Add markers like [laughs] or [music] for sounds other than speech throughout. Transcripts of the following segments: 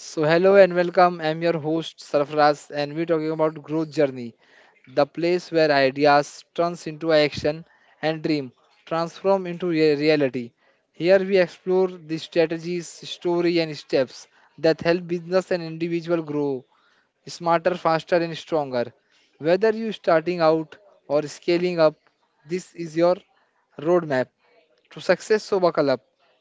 So hello and welcome. I'm your host Sarfaraz and we're talking about growth journey, the place where ideas turns into action and dream transform into reality. Here we explore the strategies, story and steps that help business and individual grow smarter, faster and stronger. Whether you're starting out or scaling up, this is your roadmap to Success Soba Club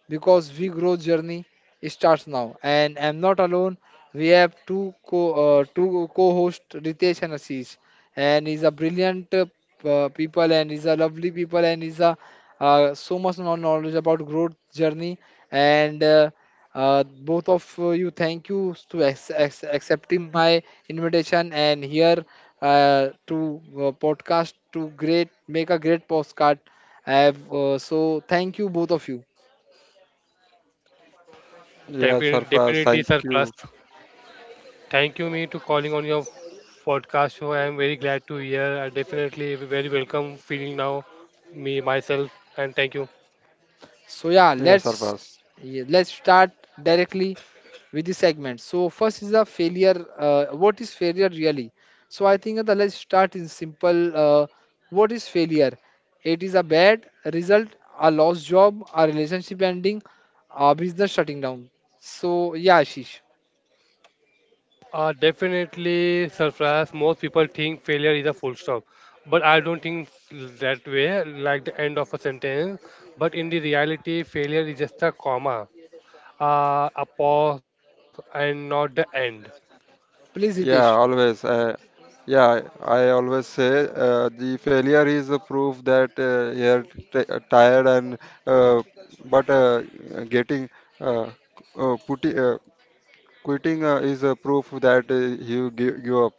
because we growth journey starts now. And I'm not alone. We have two co-host Ritesh and Ashish, and he's a brilliant people and he's a lovely people and he's a so much knowledge about growth journey and. Both of you, thank you to accepting my invitation and here to podcast to great make a great postcard I have so thank you both of you. Yeah, Defi- Sarfraz, Definitely, thank sir. Plus, you. thank you me to calling on your podcast show. I am very glad to hear. I definitely very welcome feeling now, me myself, and thank you. So yeah, Yeah, Sarfraz. Let's start directly with the segment. So first is the failure, what is failure really? So I think that let's start in simple, what is failure? It is a bad result, a lost job, a relationship ending, a business shutting down. So yeah, Ashish. Definitely, surprise. Most people think failure is a full stop, but I don't think that way, like the end of a sentence. But in the reality, failure is just a comma, a pause, and not the end. Please, Yeah, Hitesh. always. Yeah, I always say the failure is a proof that you're tired and uh, but getting uh, uh, putti- uh, quitting is a proof that you give up.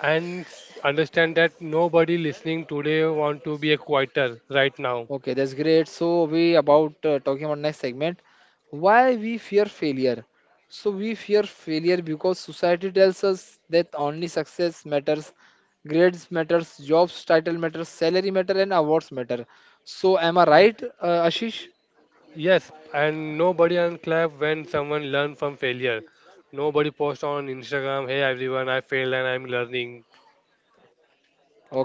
Understand that nobody listening today want to be a quitter right now. Okay, that's great. So we about talking about next segment. Why we fear failure? So we fear failure because society tells us that only success matters, grades matters, jobs title matters, salary matter, and awards matter. So am I Y- right, Ashish? Yes, and nobody unclap when someone learn from failure. Nobody post on Instagram, "Hey everyone, I failed and I'm learning."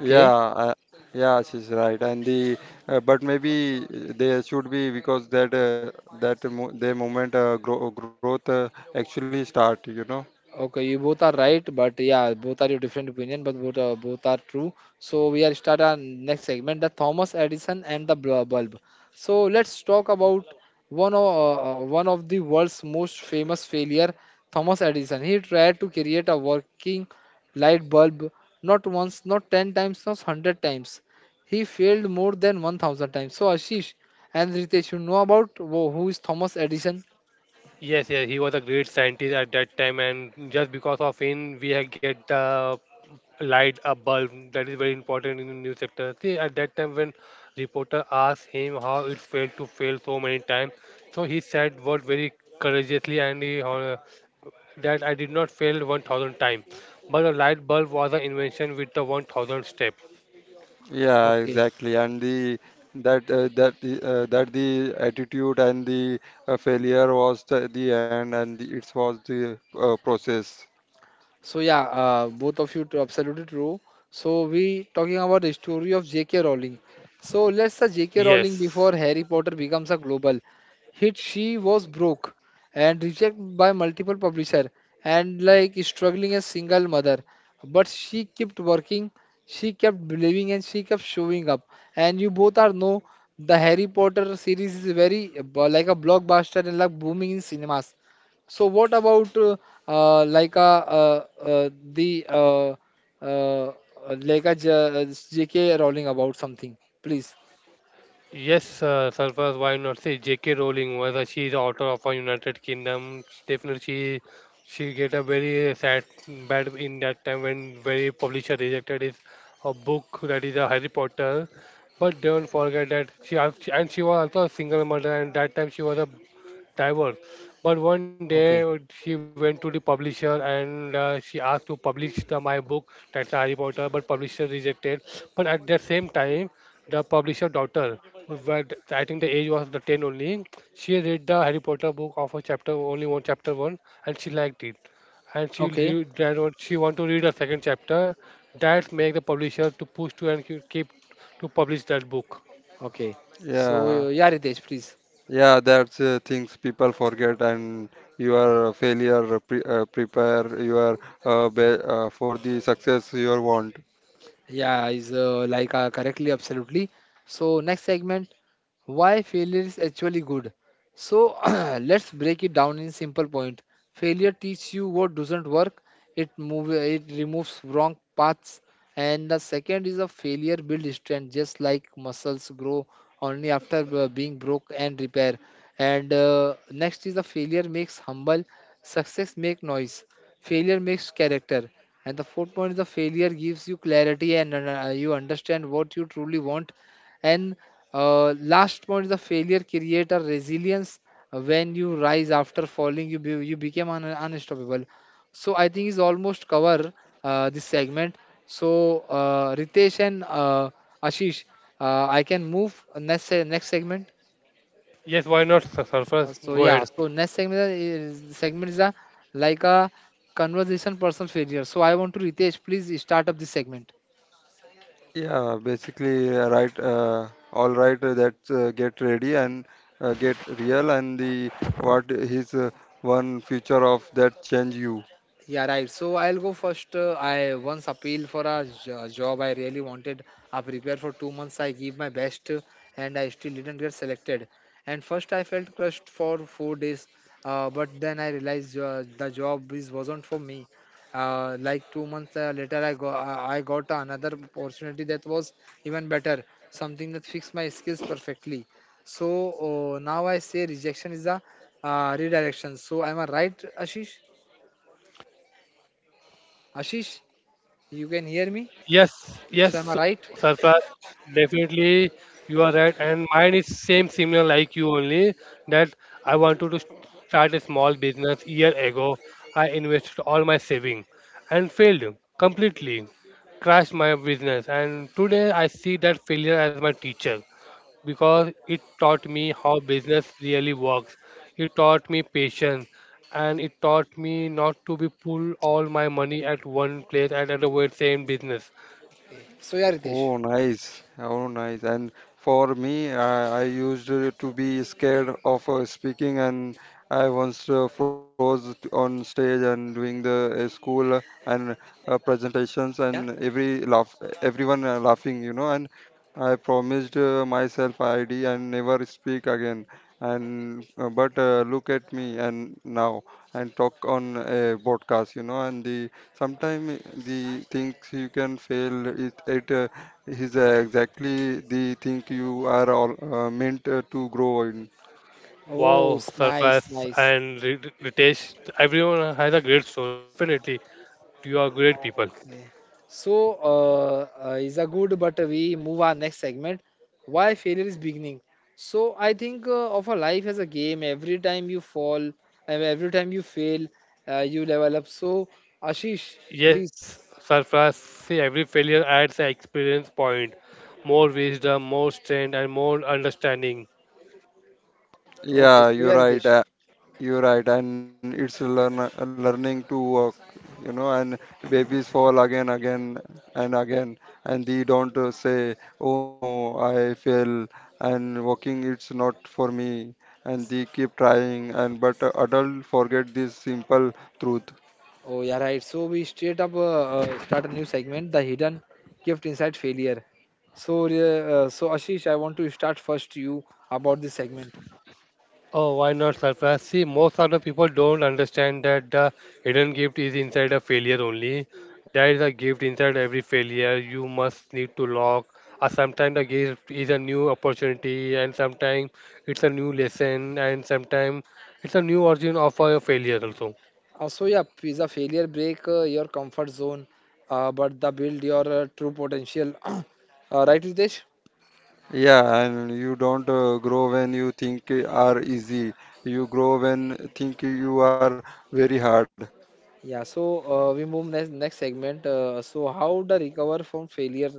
Yeah, uh, yeah, she's right. And the but maybe they should be because their moment growth actually start, you know. Okay, you both are right, but yeah, both are your different opinion, but both are true. So we are start our next segment, the Thomas Edison and the bulb. So let's talk about one of the world's most famous failure, Thomas Edison. He tried to create a working light bulb, not once, not ten times, not hundred times. He failed more than 1,000 times. So Ashish and Ritesh, you know about who is Thomas Edison? Yes, yes, he was a great scientist at that time, and just because of him, we had get the light a bulb. That is very important in the news sector. See, at that time when reporter asked him how it failed to fail so many times, so he said what very courageously and he that I did not fail 1000 times, but a light bulb was an invention with the 1000 step. Yeah, Okay. exactly. And the that that the attitude and the failure was the end, and it was the process. So yeah, both of you absolutely true. So we talking about the story of J.K. Rowling. So let's say J.K. Rowling Yes. before Harry Potter becomes a global hit, she was broke and rejected by multiple publisher and like struggling as single mother. But she kept working, she kept believing, and she kept showing up. And you both are know the Harry Potter series is very like a blockbuster and like booming in cinemas. So what about like the uh, like a JK Rowling about something, please? Yes, Sarfraz, why not say J.K. Rowling was she is author of a United Kingdom. Definitely, she get a very sad bad in that time when very publisher rejected his a book that is a Harry Potter. But don't forget that she al- she- and she was also a single mother and that time she was a divorce. But one day Okay. she went to the publisher and she asked to publish the, my book that's Harry Potter, but publisher rejected. But at the same time the publisher daughter, who I think the age was the 10 only, she read the Harry Potter book of a chapter, only one chapter one, and she liked it. And she Okay, read, she want to read a second chapter. That make the publisher to push to and keep to publish that book. okay. So Yeah, yeah, Ritesh, please. yeah, that's things people forget, and your failure prepare your be for the success you want. Yeah, is like correctly, absolutely. So next segment, why failure is actually good. So [clears throat] let's break it down in simple point. Failure teaches you what doesn't work. It removes wrong paths. And the second is a failure builds strength, just like muscles grow only after being broke and repair. And next is a failure makes humble. Success make noise. Failure makes character. And the fourth point is the failure gives you clarity and you understand what you truly want. And last point is the failure create a resilience. When you rise after falling, you become unstoppable. So I think is almost cover this segment. So Ritesh and Ashish, I can move next segment. Yes, why not, sir? Sarfraz? So Go yeah, ahead. so next segment is a like a conversation personal failure. So I want to Ritesh, please start up this segment. Yeah, basically, right. All right, that's get ready and get real, and the what is one future of that change you. Yeah, right. So I'll go first. I once appealed for a job I really wanted. I prepared for 2 months. I gave my best, and I still didn't get selected. And first, I felt crushed for 4 days. But then I realized the job is wasn't for me. Like 2 months later, I got another opportunity that was even better, something that fixed my skills perfectly. So now I say rejection is a redirection. So am I right, Ashish? Ashish? You can hear me? Yes, So am I yes, right? Sarfraz, definitely you are right. And mine is same similar like you only that I wanted to start a small business year ago. I invested all my saving and failed completely, crashed my business. And today I see that failure as my teacher because it taught me how business really works. It taught me patience and it taught me not to be pull all my money at one place and at the very same business. Okay. So yeah, Ritesh. Oh, nice. Oh, nice. And for me, I used to be scared of speaking, and I once froze on stage and doing the school and presentations, Yeah. and everyone laughing, you know. And I promised myself ID and never speak again. And but Look at me and now and talk on a podcast, you know. And the sometimes the things you can fail it at is exactly the thing you are all meant to grow in. Oh, Wow, it's nice, nice. Ritesh, everyone has a great story. Definitely, you are great people. Okay. So is a good, but we move our next segment. Why failure is beginning. So I think of a life as a game. Every time you fall, and every time you fail, you level up. So Ashish, please. Yes, Surface, see, every failure adds an experience point, more wisdom, more strength, and more understanding. Okay. Yeah, So you're yeah, right. Ritesh. You're right, and it's a learn learning to walk, you know. And babies fall again, again, and again, and they don't say, "Oh no, I fell," and walking it's not for me. And they keep trying, and but adult forget this simple truth. Oh, yeah, right. So we straight up start a new segment, the hidden gift inside failure. So, so Ashish, I want to start first you about this segment. Oh, why not surprise? See, most of the people don't understand that the hidden gift is inside a failure only. There is a gift inside every failure. You must need to lock. Or sometimes the gift is a new opportunity, and sometimes it's a new lesson, and sometimes it's a new origin of a failure also. So yeah, pizza failure break your comfort zone, but the build your true potential. [clears throat] Right, Ritesh? Yeah, so we move next segment. So how to recover from failure?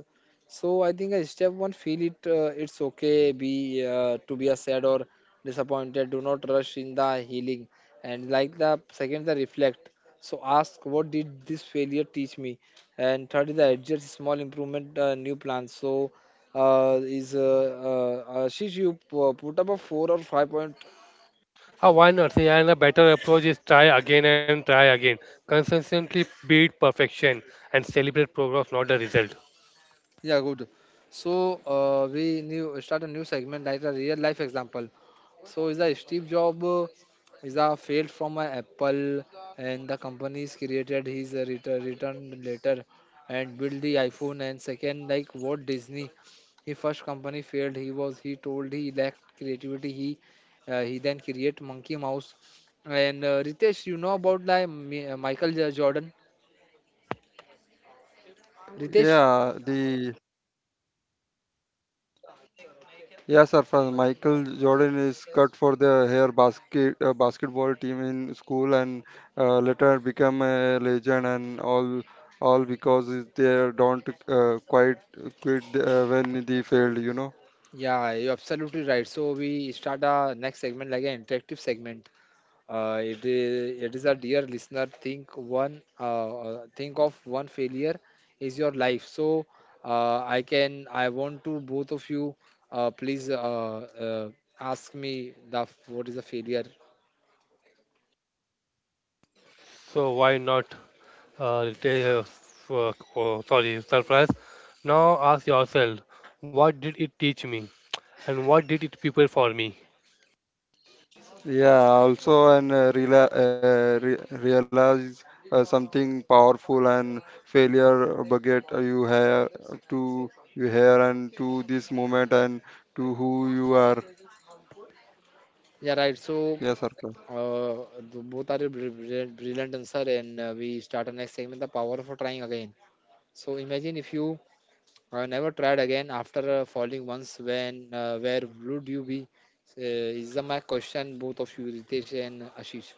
So I think step one, feel it. It's okay be to be a sad or disappointed. Do not rush in the healing. And like the second, the reflect. So ask what did this failure teach me? And third is the adjust small improvement, new plans. So is Ashish, you put up a four or five point. Why not? See, and a better approach is try again and try again. Consistently beat perfection and celebrate progress, not the result. Yeah, good. So we new start a new segment like a real life example. So is a Steve Job, is a failed from a Apple and the company is created his returned later and build the iPhone. And second like Walt Disney. He first company failed. He told he lacked creativity. He then create Monkey Mouse. And Ritesh, you know about like Michael Jordan. Ritesh. Yeah, you're absolutely right. So we start our next segment like an interactive segment. It is a dear listener. Think of one failure is your life. So I want to both of you please uh, ask me the what is a failure. So why not sorry, surprise? Now ask yourself, what did it teach me, and what did it prepare for me? Yeah, right. So both are a brilliant answer, and we start our next segment. The power of trying again. So imagine if you I never tried again after falling once. When Where would you be? Is the my question both of you, Ritesh and Ashish?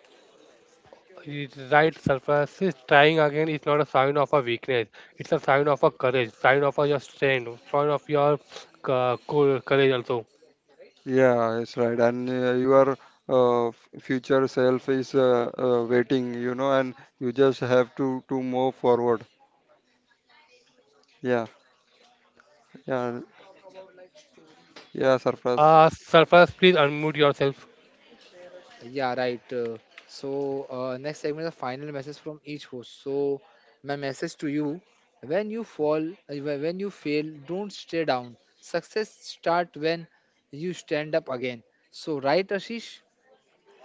It's right, surprise. Is Trying again is not a sign of a weakness. It's a sign of a courage, sign of a, your strength, sign of your courage also. Surprise, please unmute yourself. Yeah, right. So next segment, the final message from each host. So my message to you: when you fall, when you fail, don't stay down. Success start when you stand up again. So right, Ashish?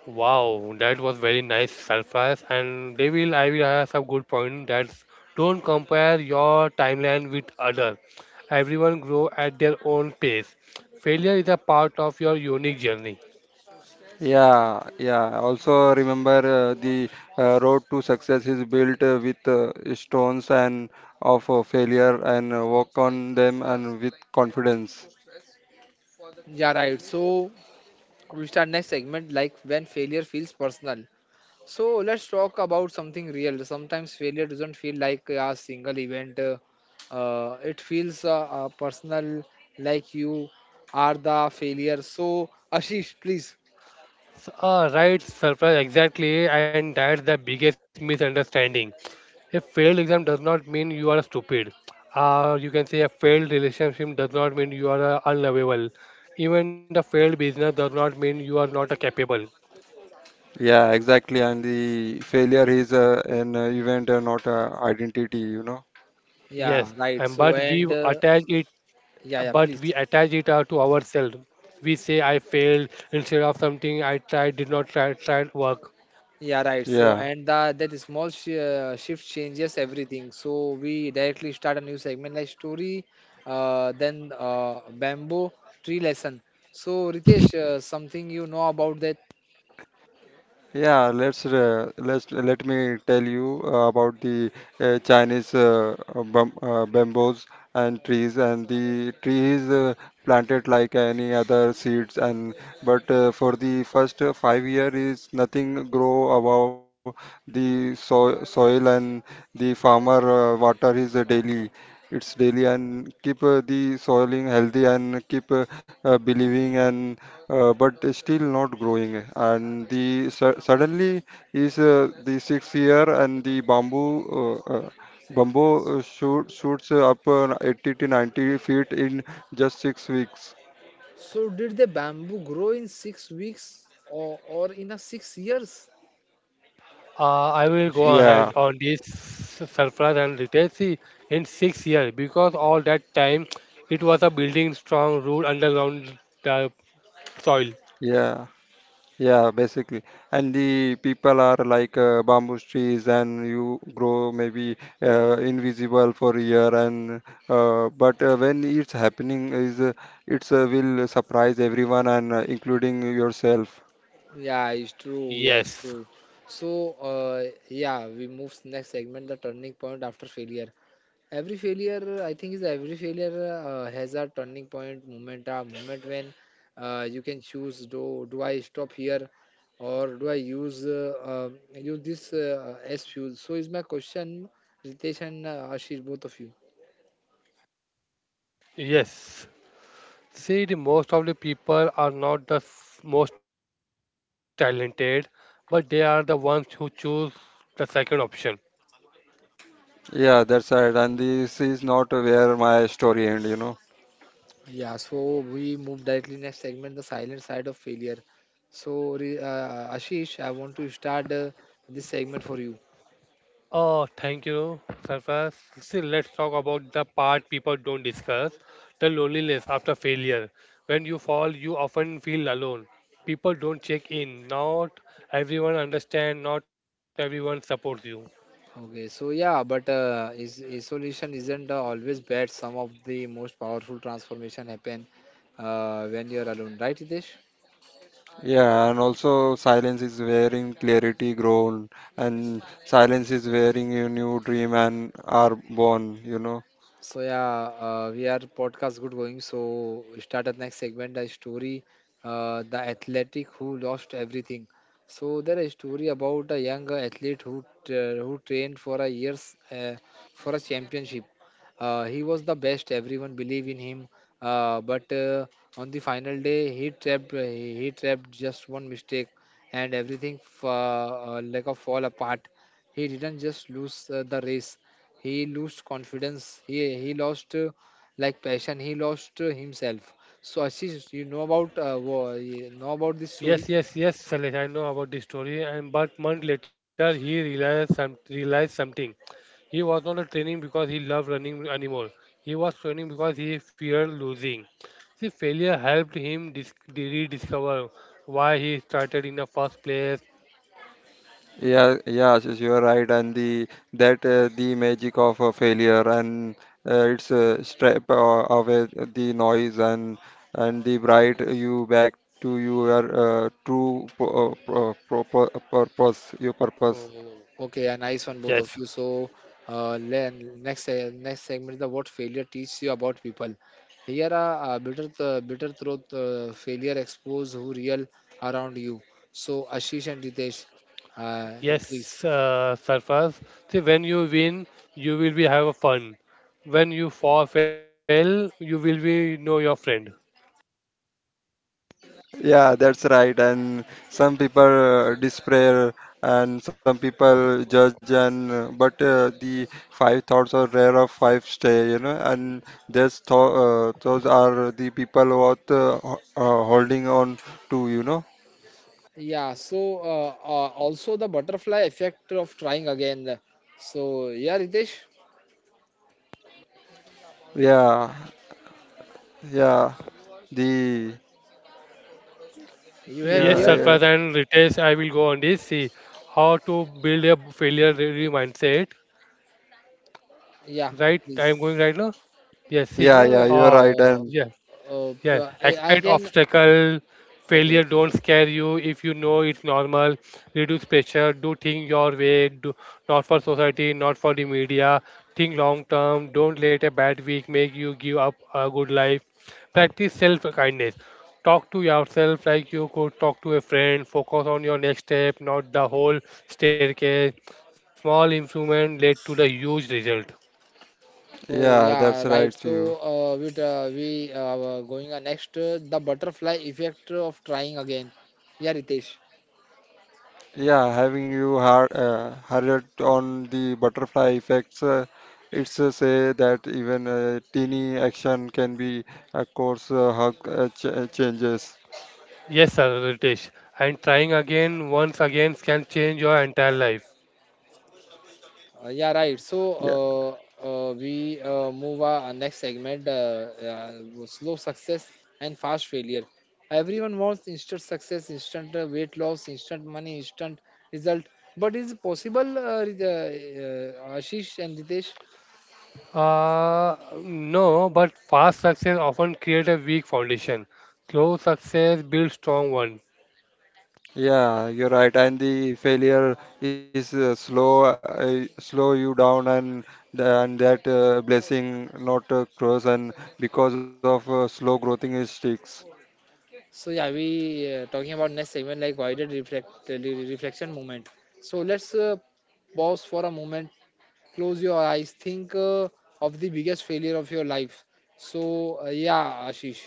Wow, that was very nice, Sarfraz. And they will, I will have some good point that don't compare your timeline with others. Everyone grow at their own pace. Failure is a part of your unique journey. Yeah, right. So we start next segment like when failure feels personal. So let's talk about something real. Sometimes failure doesn't feel like a single event. It feels personal, like you are the failure. So [laughs] Ashish, please. Right, Sarfraz, exactly, and that's the biggest misunderstanding. A failed exam does not mean you are stupid. Or you can say a failed relationship does not mean you are unlovable. Even the failed business does not mean you are not capable. Yeah, Yes, right. and So but we and attach it, yeah, yeah, but please. we attach it to ourselves. We say I failed instead of something I tried did not try tried work. Yeah, right. So and that shift changes everything. So we directly start a new segment like story, then bamboo tree lesson. So Ritesh, something you know about that? So did the bamboo grow in 6 weeks or in a 6 years, I will go Ashish? ahead on this surplus and retail see in 6 years because all that time it was a building strong root underground uh, soil. Yeah, it's true. Yeah, it's Yes, true. So, yeah, we move next segment, the turning point after failure. Every failure, I think, is every failure has a turning point moment, a moment when you can choose: do I stop here, or do I use use this as fuel? So, is my question, Ritesh and Ashish, both of you. yes. See, the most of the people are not the most talented, but they are the ones who choose the second option. Yeah, so we move directly next segment, the silent side of failure. So, Ashish, I want to start this segment for you. Oh, thank you, Sarfraz. See, let's talk about the part people don't discuss, the loneliness after failure. When you fall, you often feel alone. People don't check in. Not everyone understands, not everyone supports you. Okay, so yeah, but is isolation isn't always bad. Some of the most powerful transformation happen when you're alone, right, Hitesh? So yeah, we are podcast good going. So we start at next segment the story, the athletic who lost everything. So there is a story about a young athlete who trained for a years for a championship. He was the best. Everyone believed in him. But On the final day, he trapped just one mistake, and everything like a fall apart. He didn't just lose the race, he lost confidence, he lost like passion, he lost himself. So Ashish, you know about you know about this story? Yes, yes, yes, Salesh, I know about this story. And but month later, he realized something. He was not training because he loved running anymore. He was training because he feared losing. See, failure helped him rediscover why he started in the first place. Oh, okay, a nice one both of Yes, you. So next next segment is the what failure teaches you about people. Here are bitter truth, failure expose who real around you. So Ashish and Ritesh, uh, please. yes, Sarfaz. See, when you win, you will be have a fun. When you fall, fail, you will be know your friend. Yeah, so also the butterfly effect of trying again. So yeah, Ritesh, you have Yes, heard? Sarfraz and Ritesh, I will go on this. See how to build a failure ready mindset. Yeah, Right, I am please. going right now. Yes, see. No. Uh, yeah. Yes, I expect can. obstacle, Okay, failure okay, don't okay. scare you if you know it's normal. Reduce pressure, do things your way, do not for society, not for the media. Think long term, don't let a bad week make you give up a good life. Practice self kindness. Talk to yourself like you could talk to a friend. Focus on your next step, not the whole staircase. Small improvement led to the huge result. Oh yeah, right. We going next, the butterfly effect of trying again. Yeah, Ritesh. Yes, sir, Ritesh. And trying again, once again, can change your entire life. Yeah, right. We move our next segment: slow success and fast failure. Everyone wants instant success, instant weight loss, instant money, instant result. But is it possible, Ashish and Ritesh? Uh, no, but fast success often create a weak foundation. Slow success builds strong one. So yeah, we talking about next segment like guided reflection moment. Let's pause for a moment, close your eyes, think of the biggest failure of your life. So yeah, Ashish.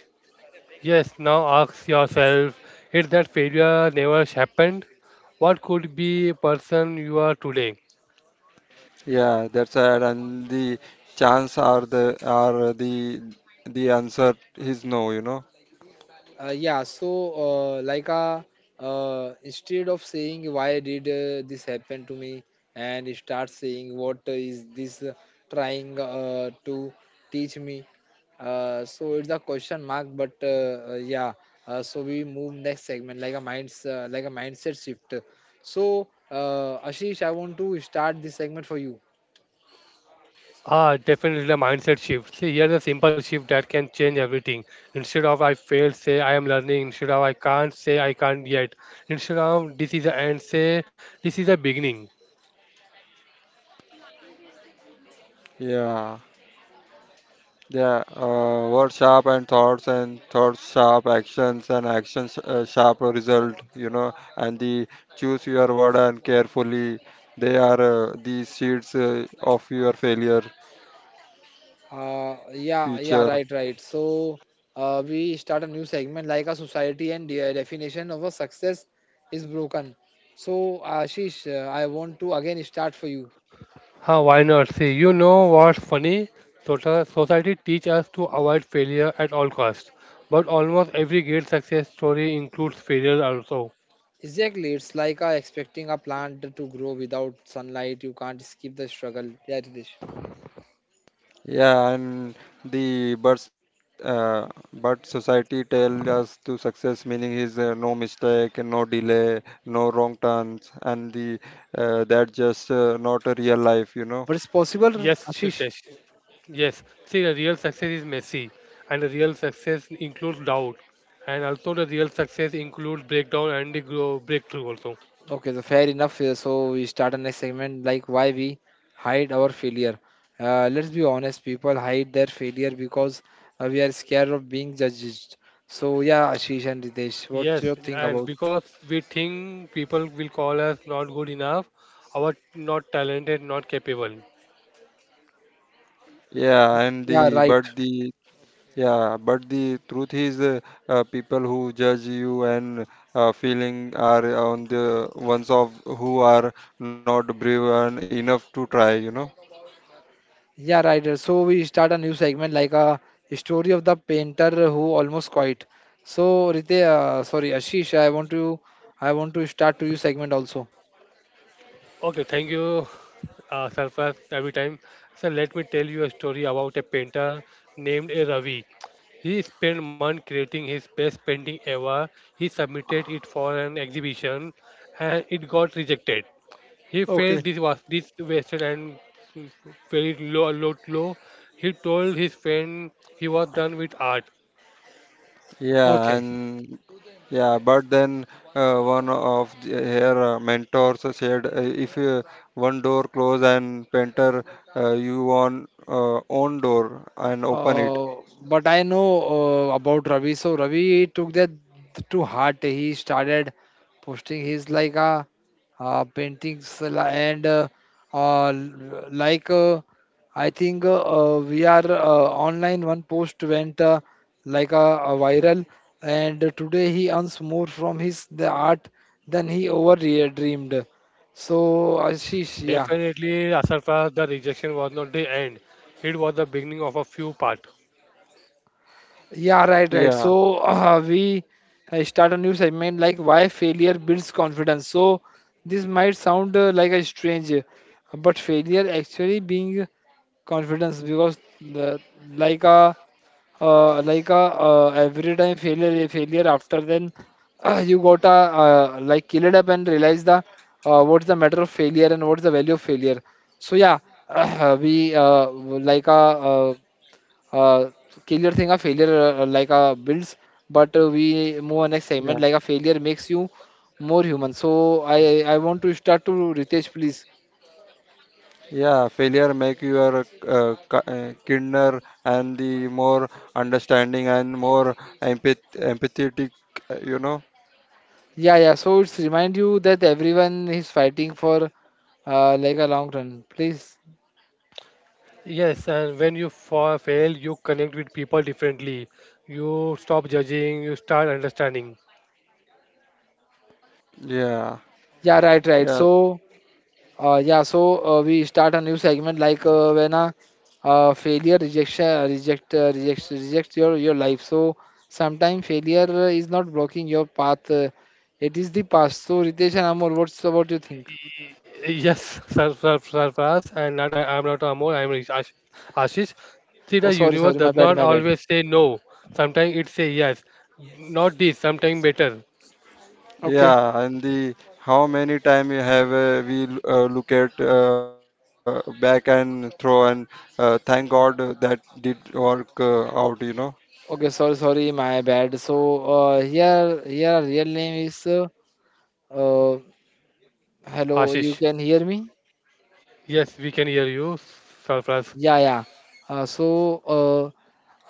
Yes, now ask yourself, if that failure never happened, what could be person you are today? Uh, yeah, so uh, like uh, Instead of saying why did this happen to me and start saying what is this trying to teach me. So it's a question mark, but yeah. So we move next segment like a minds like a mindset shift. So Ashish, I want to start this segment for you. Ah, definitely a mindset shift. See, here's a simple shift that can change everything. Instead of I failed, say I am learning. Instead of I can't, say I can't yet. Instead of this is the end, say this is the beginning. Yeah, yeah, right, right. So we start a new segment like a society and the definition of a success is broken. So Ashish, I want to again start for you. Huh, why not? See, you know what's funny? Society teach us to avoid failure at all costs, but almost every great success story includes failure also. Exactly, it's like expecting a plant to grow without sunlight. You can't skip the struggle. Yeah, Ritesh. But it's possible, Yes, Ashish. Ritesh. Yes. See, the real success is messy, and the real success includes doubt, and also the real success includes breakdown and the grow breakthrough also. Okay, so fair enough. So we start a next segment like why we hide our failure. Let's be honest, people hide their failure because we are scared of being judged. So yeah, Ashish and Ritesh, what do Yes, you think and about? because we think people will call us not good enough, our not talented, not capable. Yeah, right. Yeah, right. So we start a new segment like a story of the painter who almost quit. So Ritesh, sorry, Ashish, I want to start to you segment also. Okay, thank you, Sarfraz, every time. So let me tell you a story about a painter named Ravi. He spent months creating his best painting ever. He submitted it for an exhibition, and it got rejected. He felt Okay. this was this wasted and very low, low, low. He told his friend he was done with art. Okay. Uh, but I know about Ravi. So Ravi took that to heart. He started posting his paintings li- and l- like I think we are online. One post went like a viral, and today he earns more from his the art than he over dreamed. So Ashish, yeah. Definitely, Asarfa, the rejection was not the end. It was the beginning of a few parts. Yeah, right, right. So we start a new segment like why failure builds confidence. So this might sound like a strange, but failure actually being confidence because like a like a every time failure after then you got a like kill it up and realize the what's the matter of failure and what's the value of failure. So yeah, [clears throat] we like a uh, killer thing a failure like a builds but we move on next segment like a failure makes you more human. So I want to start to Ritesh, please. Yeah, yeah, so it's remind you that everyone is fighting for like a long run, please. Yes, and when you fail, you connect with people differently. You stop judging, you start understanding. Yeah, right, right. So we start a new segment like when a failure rejection reject rejects rejects your life. So sometimes failure is not blocking your path. It is the past. So Ritesh and Amol, what do you think? Y- Yes, [laughs] surprise, and not, I'm not Amol, Ashish. See, Oh, the sorry, universe sorry, my does bad, not my bad. always say no. Sometimes it say yes. Not this, sometimes better. Okay, okay, sorry, sorry, my bad. So here our real name is uh, hello. You Ashish. can hear me? Yes, we can hear you, surprise. Yeah, yeah. Uh, so uh,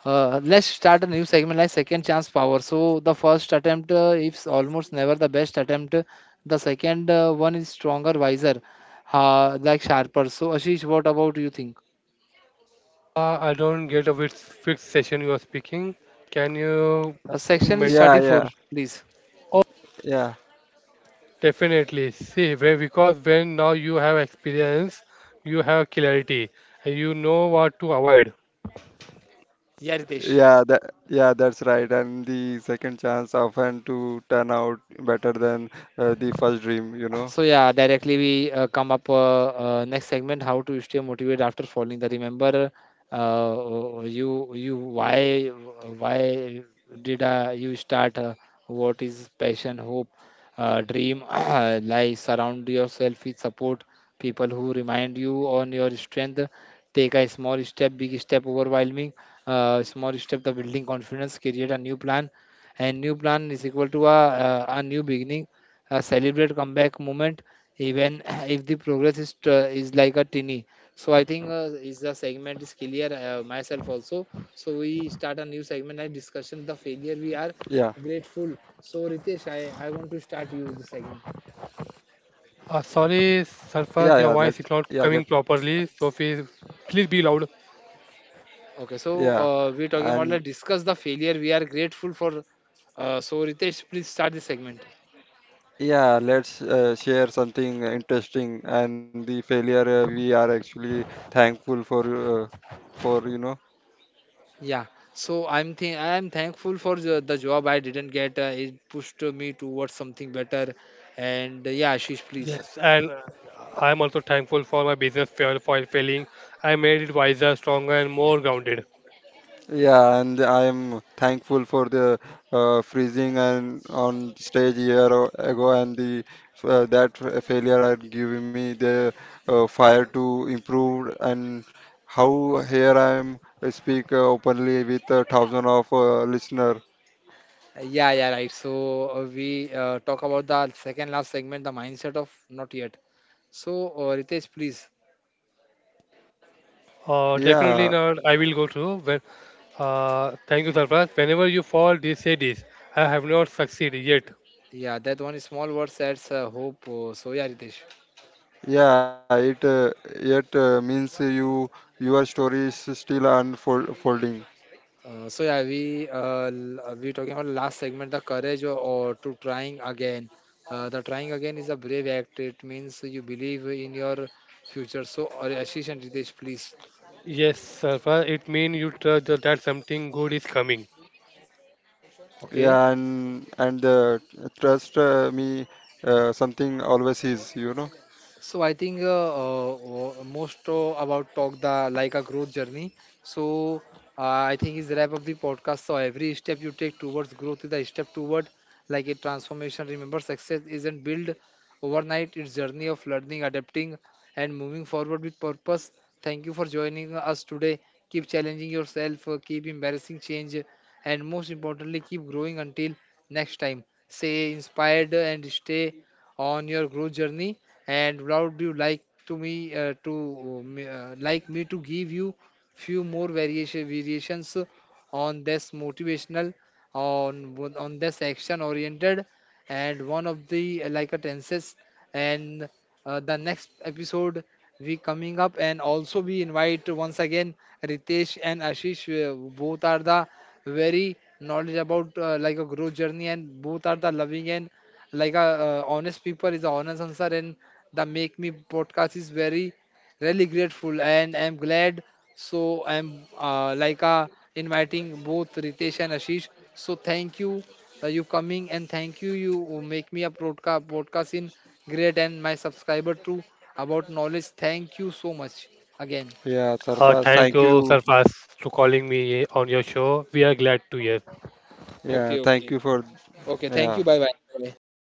Let's start a new segment like second chance power. So the first attempt is almost never the best attempt. The second one is stronger, wiser, like sharper. So Ashish, what about you think? I don't get which session you are speaking. Can you... Section is Ment- 34, please. Definitely. See, where because when now you have experience, you have clarity, and you know what to avoid. Yeah, Ritesh. So yeah, directly we come up next segment how to stay motivated after falling. The remember you why why did you start? What is passion, hope, dream? [clears throat] Life surround yourself with support people who remind you on your strength. Take a small step, big step overwhelming. Small step the building confidence, create a new plan, and new plan is equal to a new beginning. Celebrate comeback moment even [clears throat] if the progress is is like a tiny. So I think is the segment is clear myself also. So we start a new segment and discussion the failure we are grateful. So Ritesh, I want to start you the segment. Sorry, Sarfaz, your voice is not coming properly. So please, please be loud. Okay, so we're talking about let discuss the failure we are grateful for. So Ritesh, please start the segment. Yeah, so I'm thankful for the job I didn't get. It pushed me towards something better. And yeah, Ashish, please. Yes, and I am also thankful for my business failing. I made it wiser, stronger, and more grounded. Yeah, yeah, right. So we talk about the second last segment, the mindset of not yet. So Ritesh, please. Definitely not. I will go through when. Thank you, Sarfaz. Whenever you fall, this say this. I have not succeeded yet. Yeah, that one is small word sets hope. So yeah, Ritesh. We talking about last segment, the courage or to trying again. The trying again is a brave act. It means you believe in your future. So, Ashish and Ritesh, please. Yes, Sarfaz, it means you trust that something good is coming. Okay. So I think most about talk the like a growth journey. So I think is wrap up the podcast. So every step you take towards growth is a step toward like a transformation. Remember, success isn't built overnight. It's journey of learning, adapting, and moving forward with purpose. Thank you for joining us today. Keep challenging yourself. Keep embarrassing change, and most importantly keep growing until next time. Stay inspired and stay on your growth journey. And would you like to me to like me to give you few more variations on this motivational, on on this action oriented, and one of the like a tenses. And the next episode we coming up, and also we invite once again Ritesh and Ashish, both are the very knowledge about like a growth journey, and both are the loving and like a honest people is the honest answer. And the make me podcast is very really grateful and I'm glad. So I'm inviting both Ritesh and Ashish. So thank you, you coming, and thank you, you make me a broadcast podcast in great and my subscriber too about knowledge. Thank you so much again. Thank you, Sarfaz, to calling me on your show. We are glad to hear. Okay, okay. Okay, thank you. Bye bye.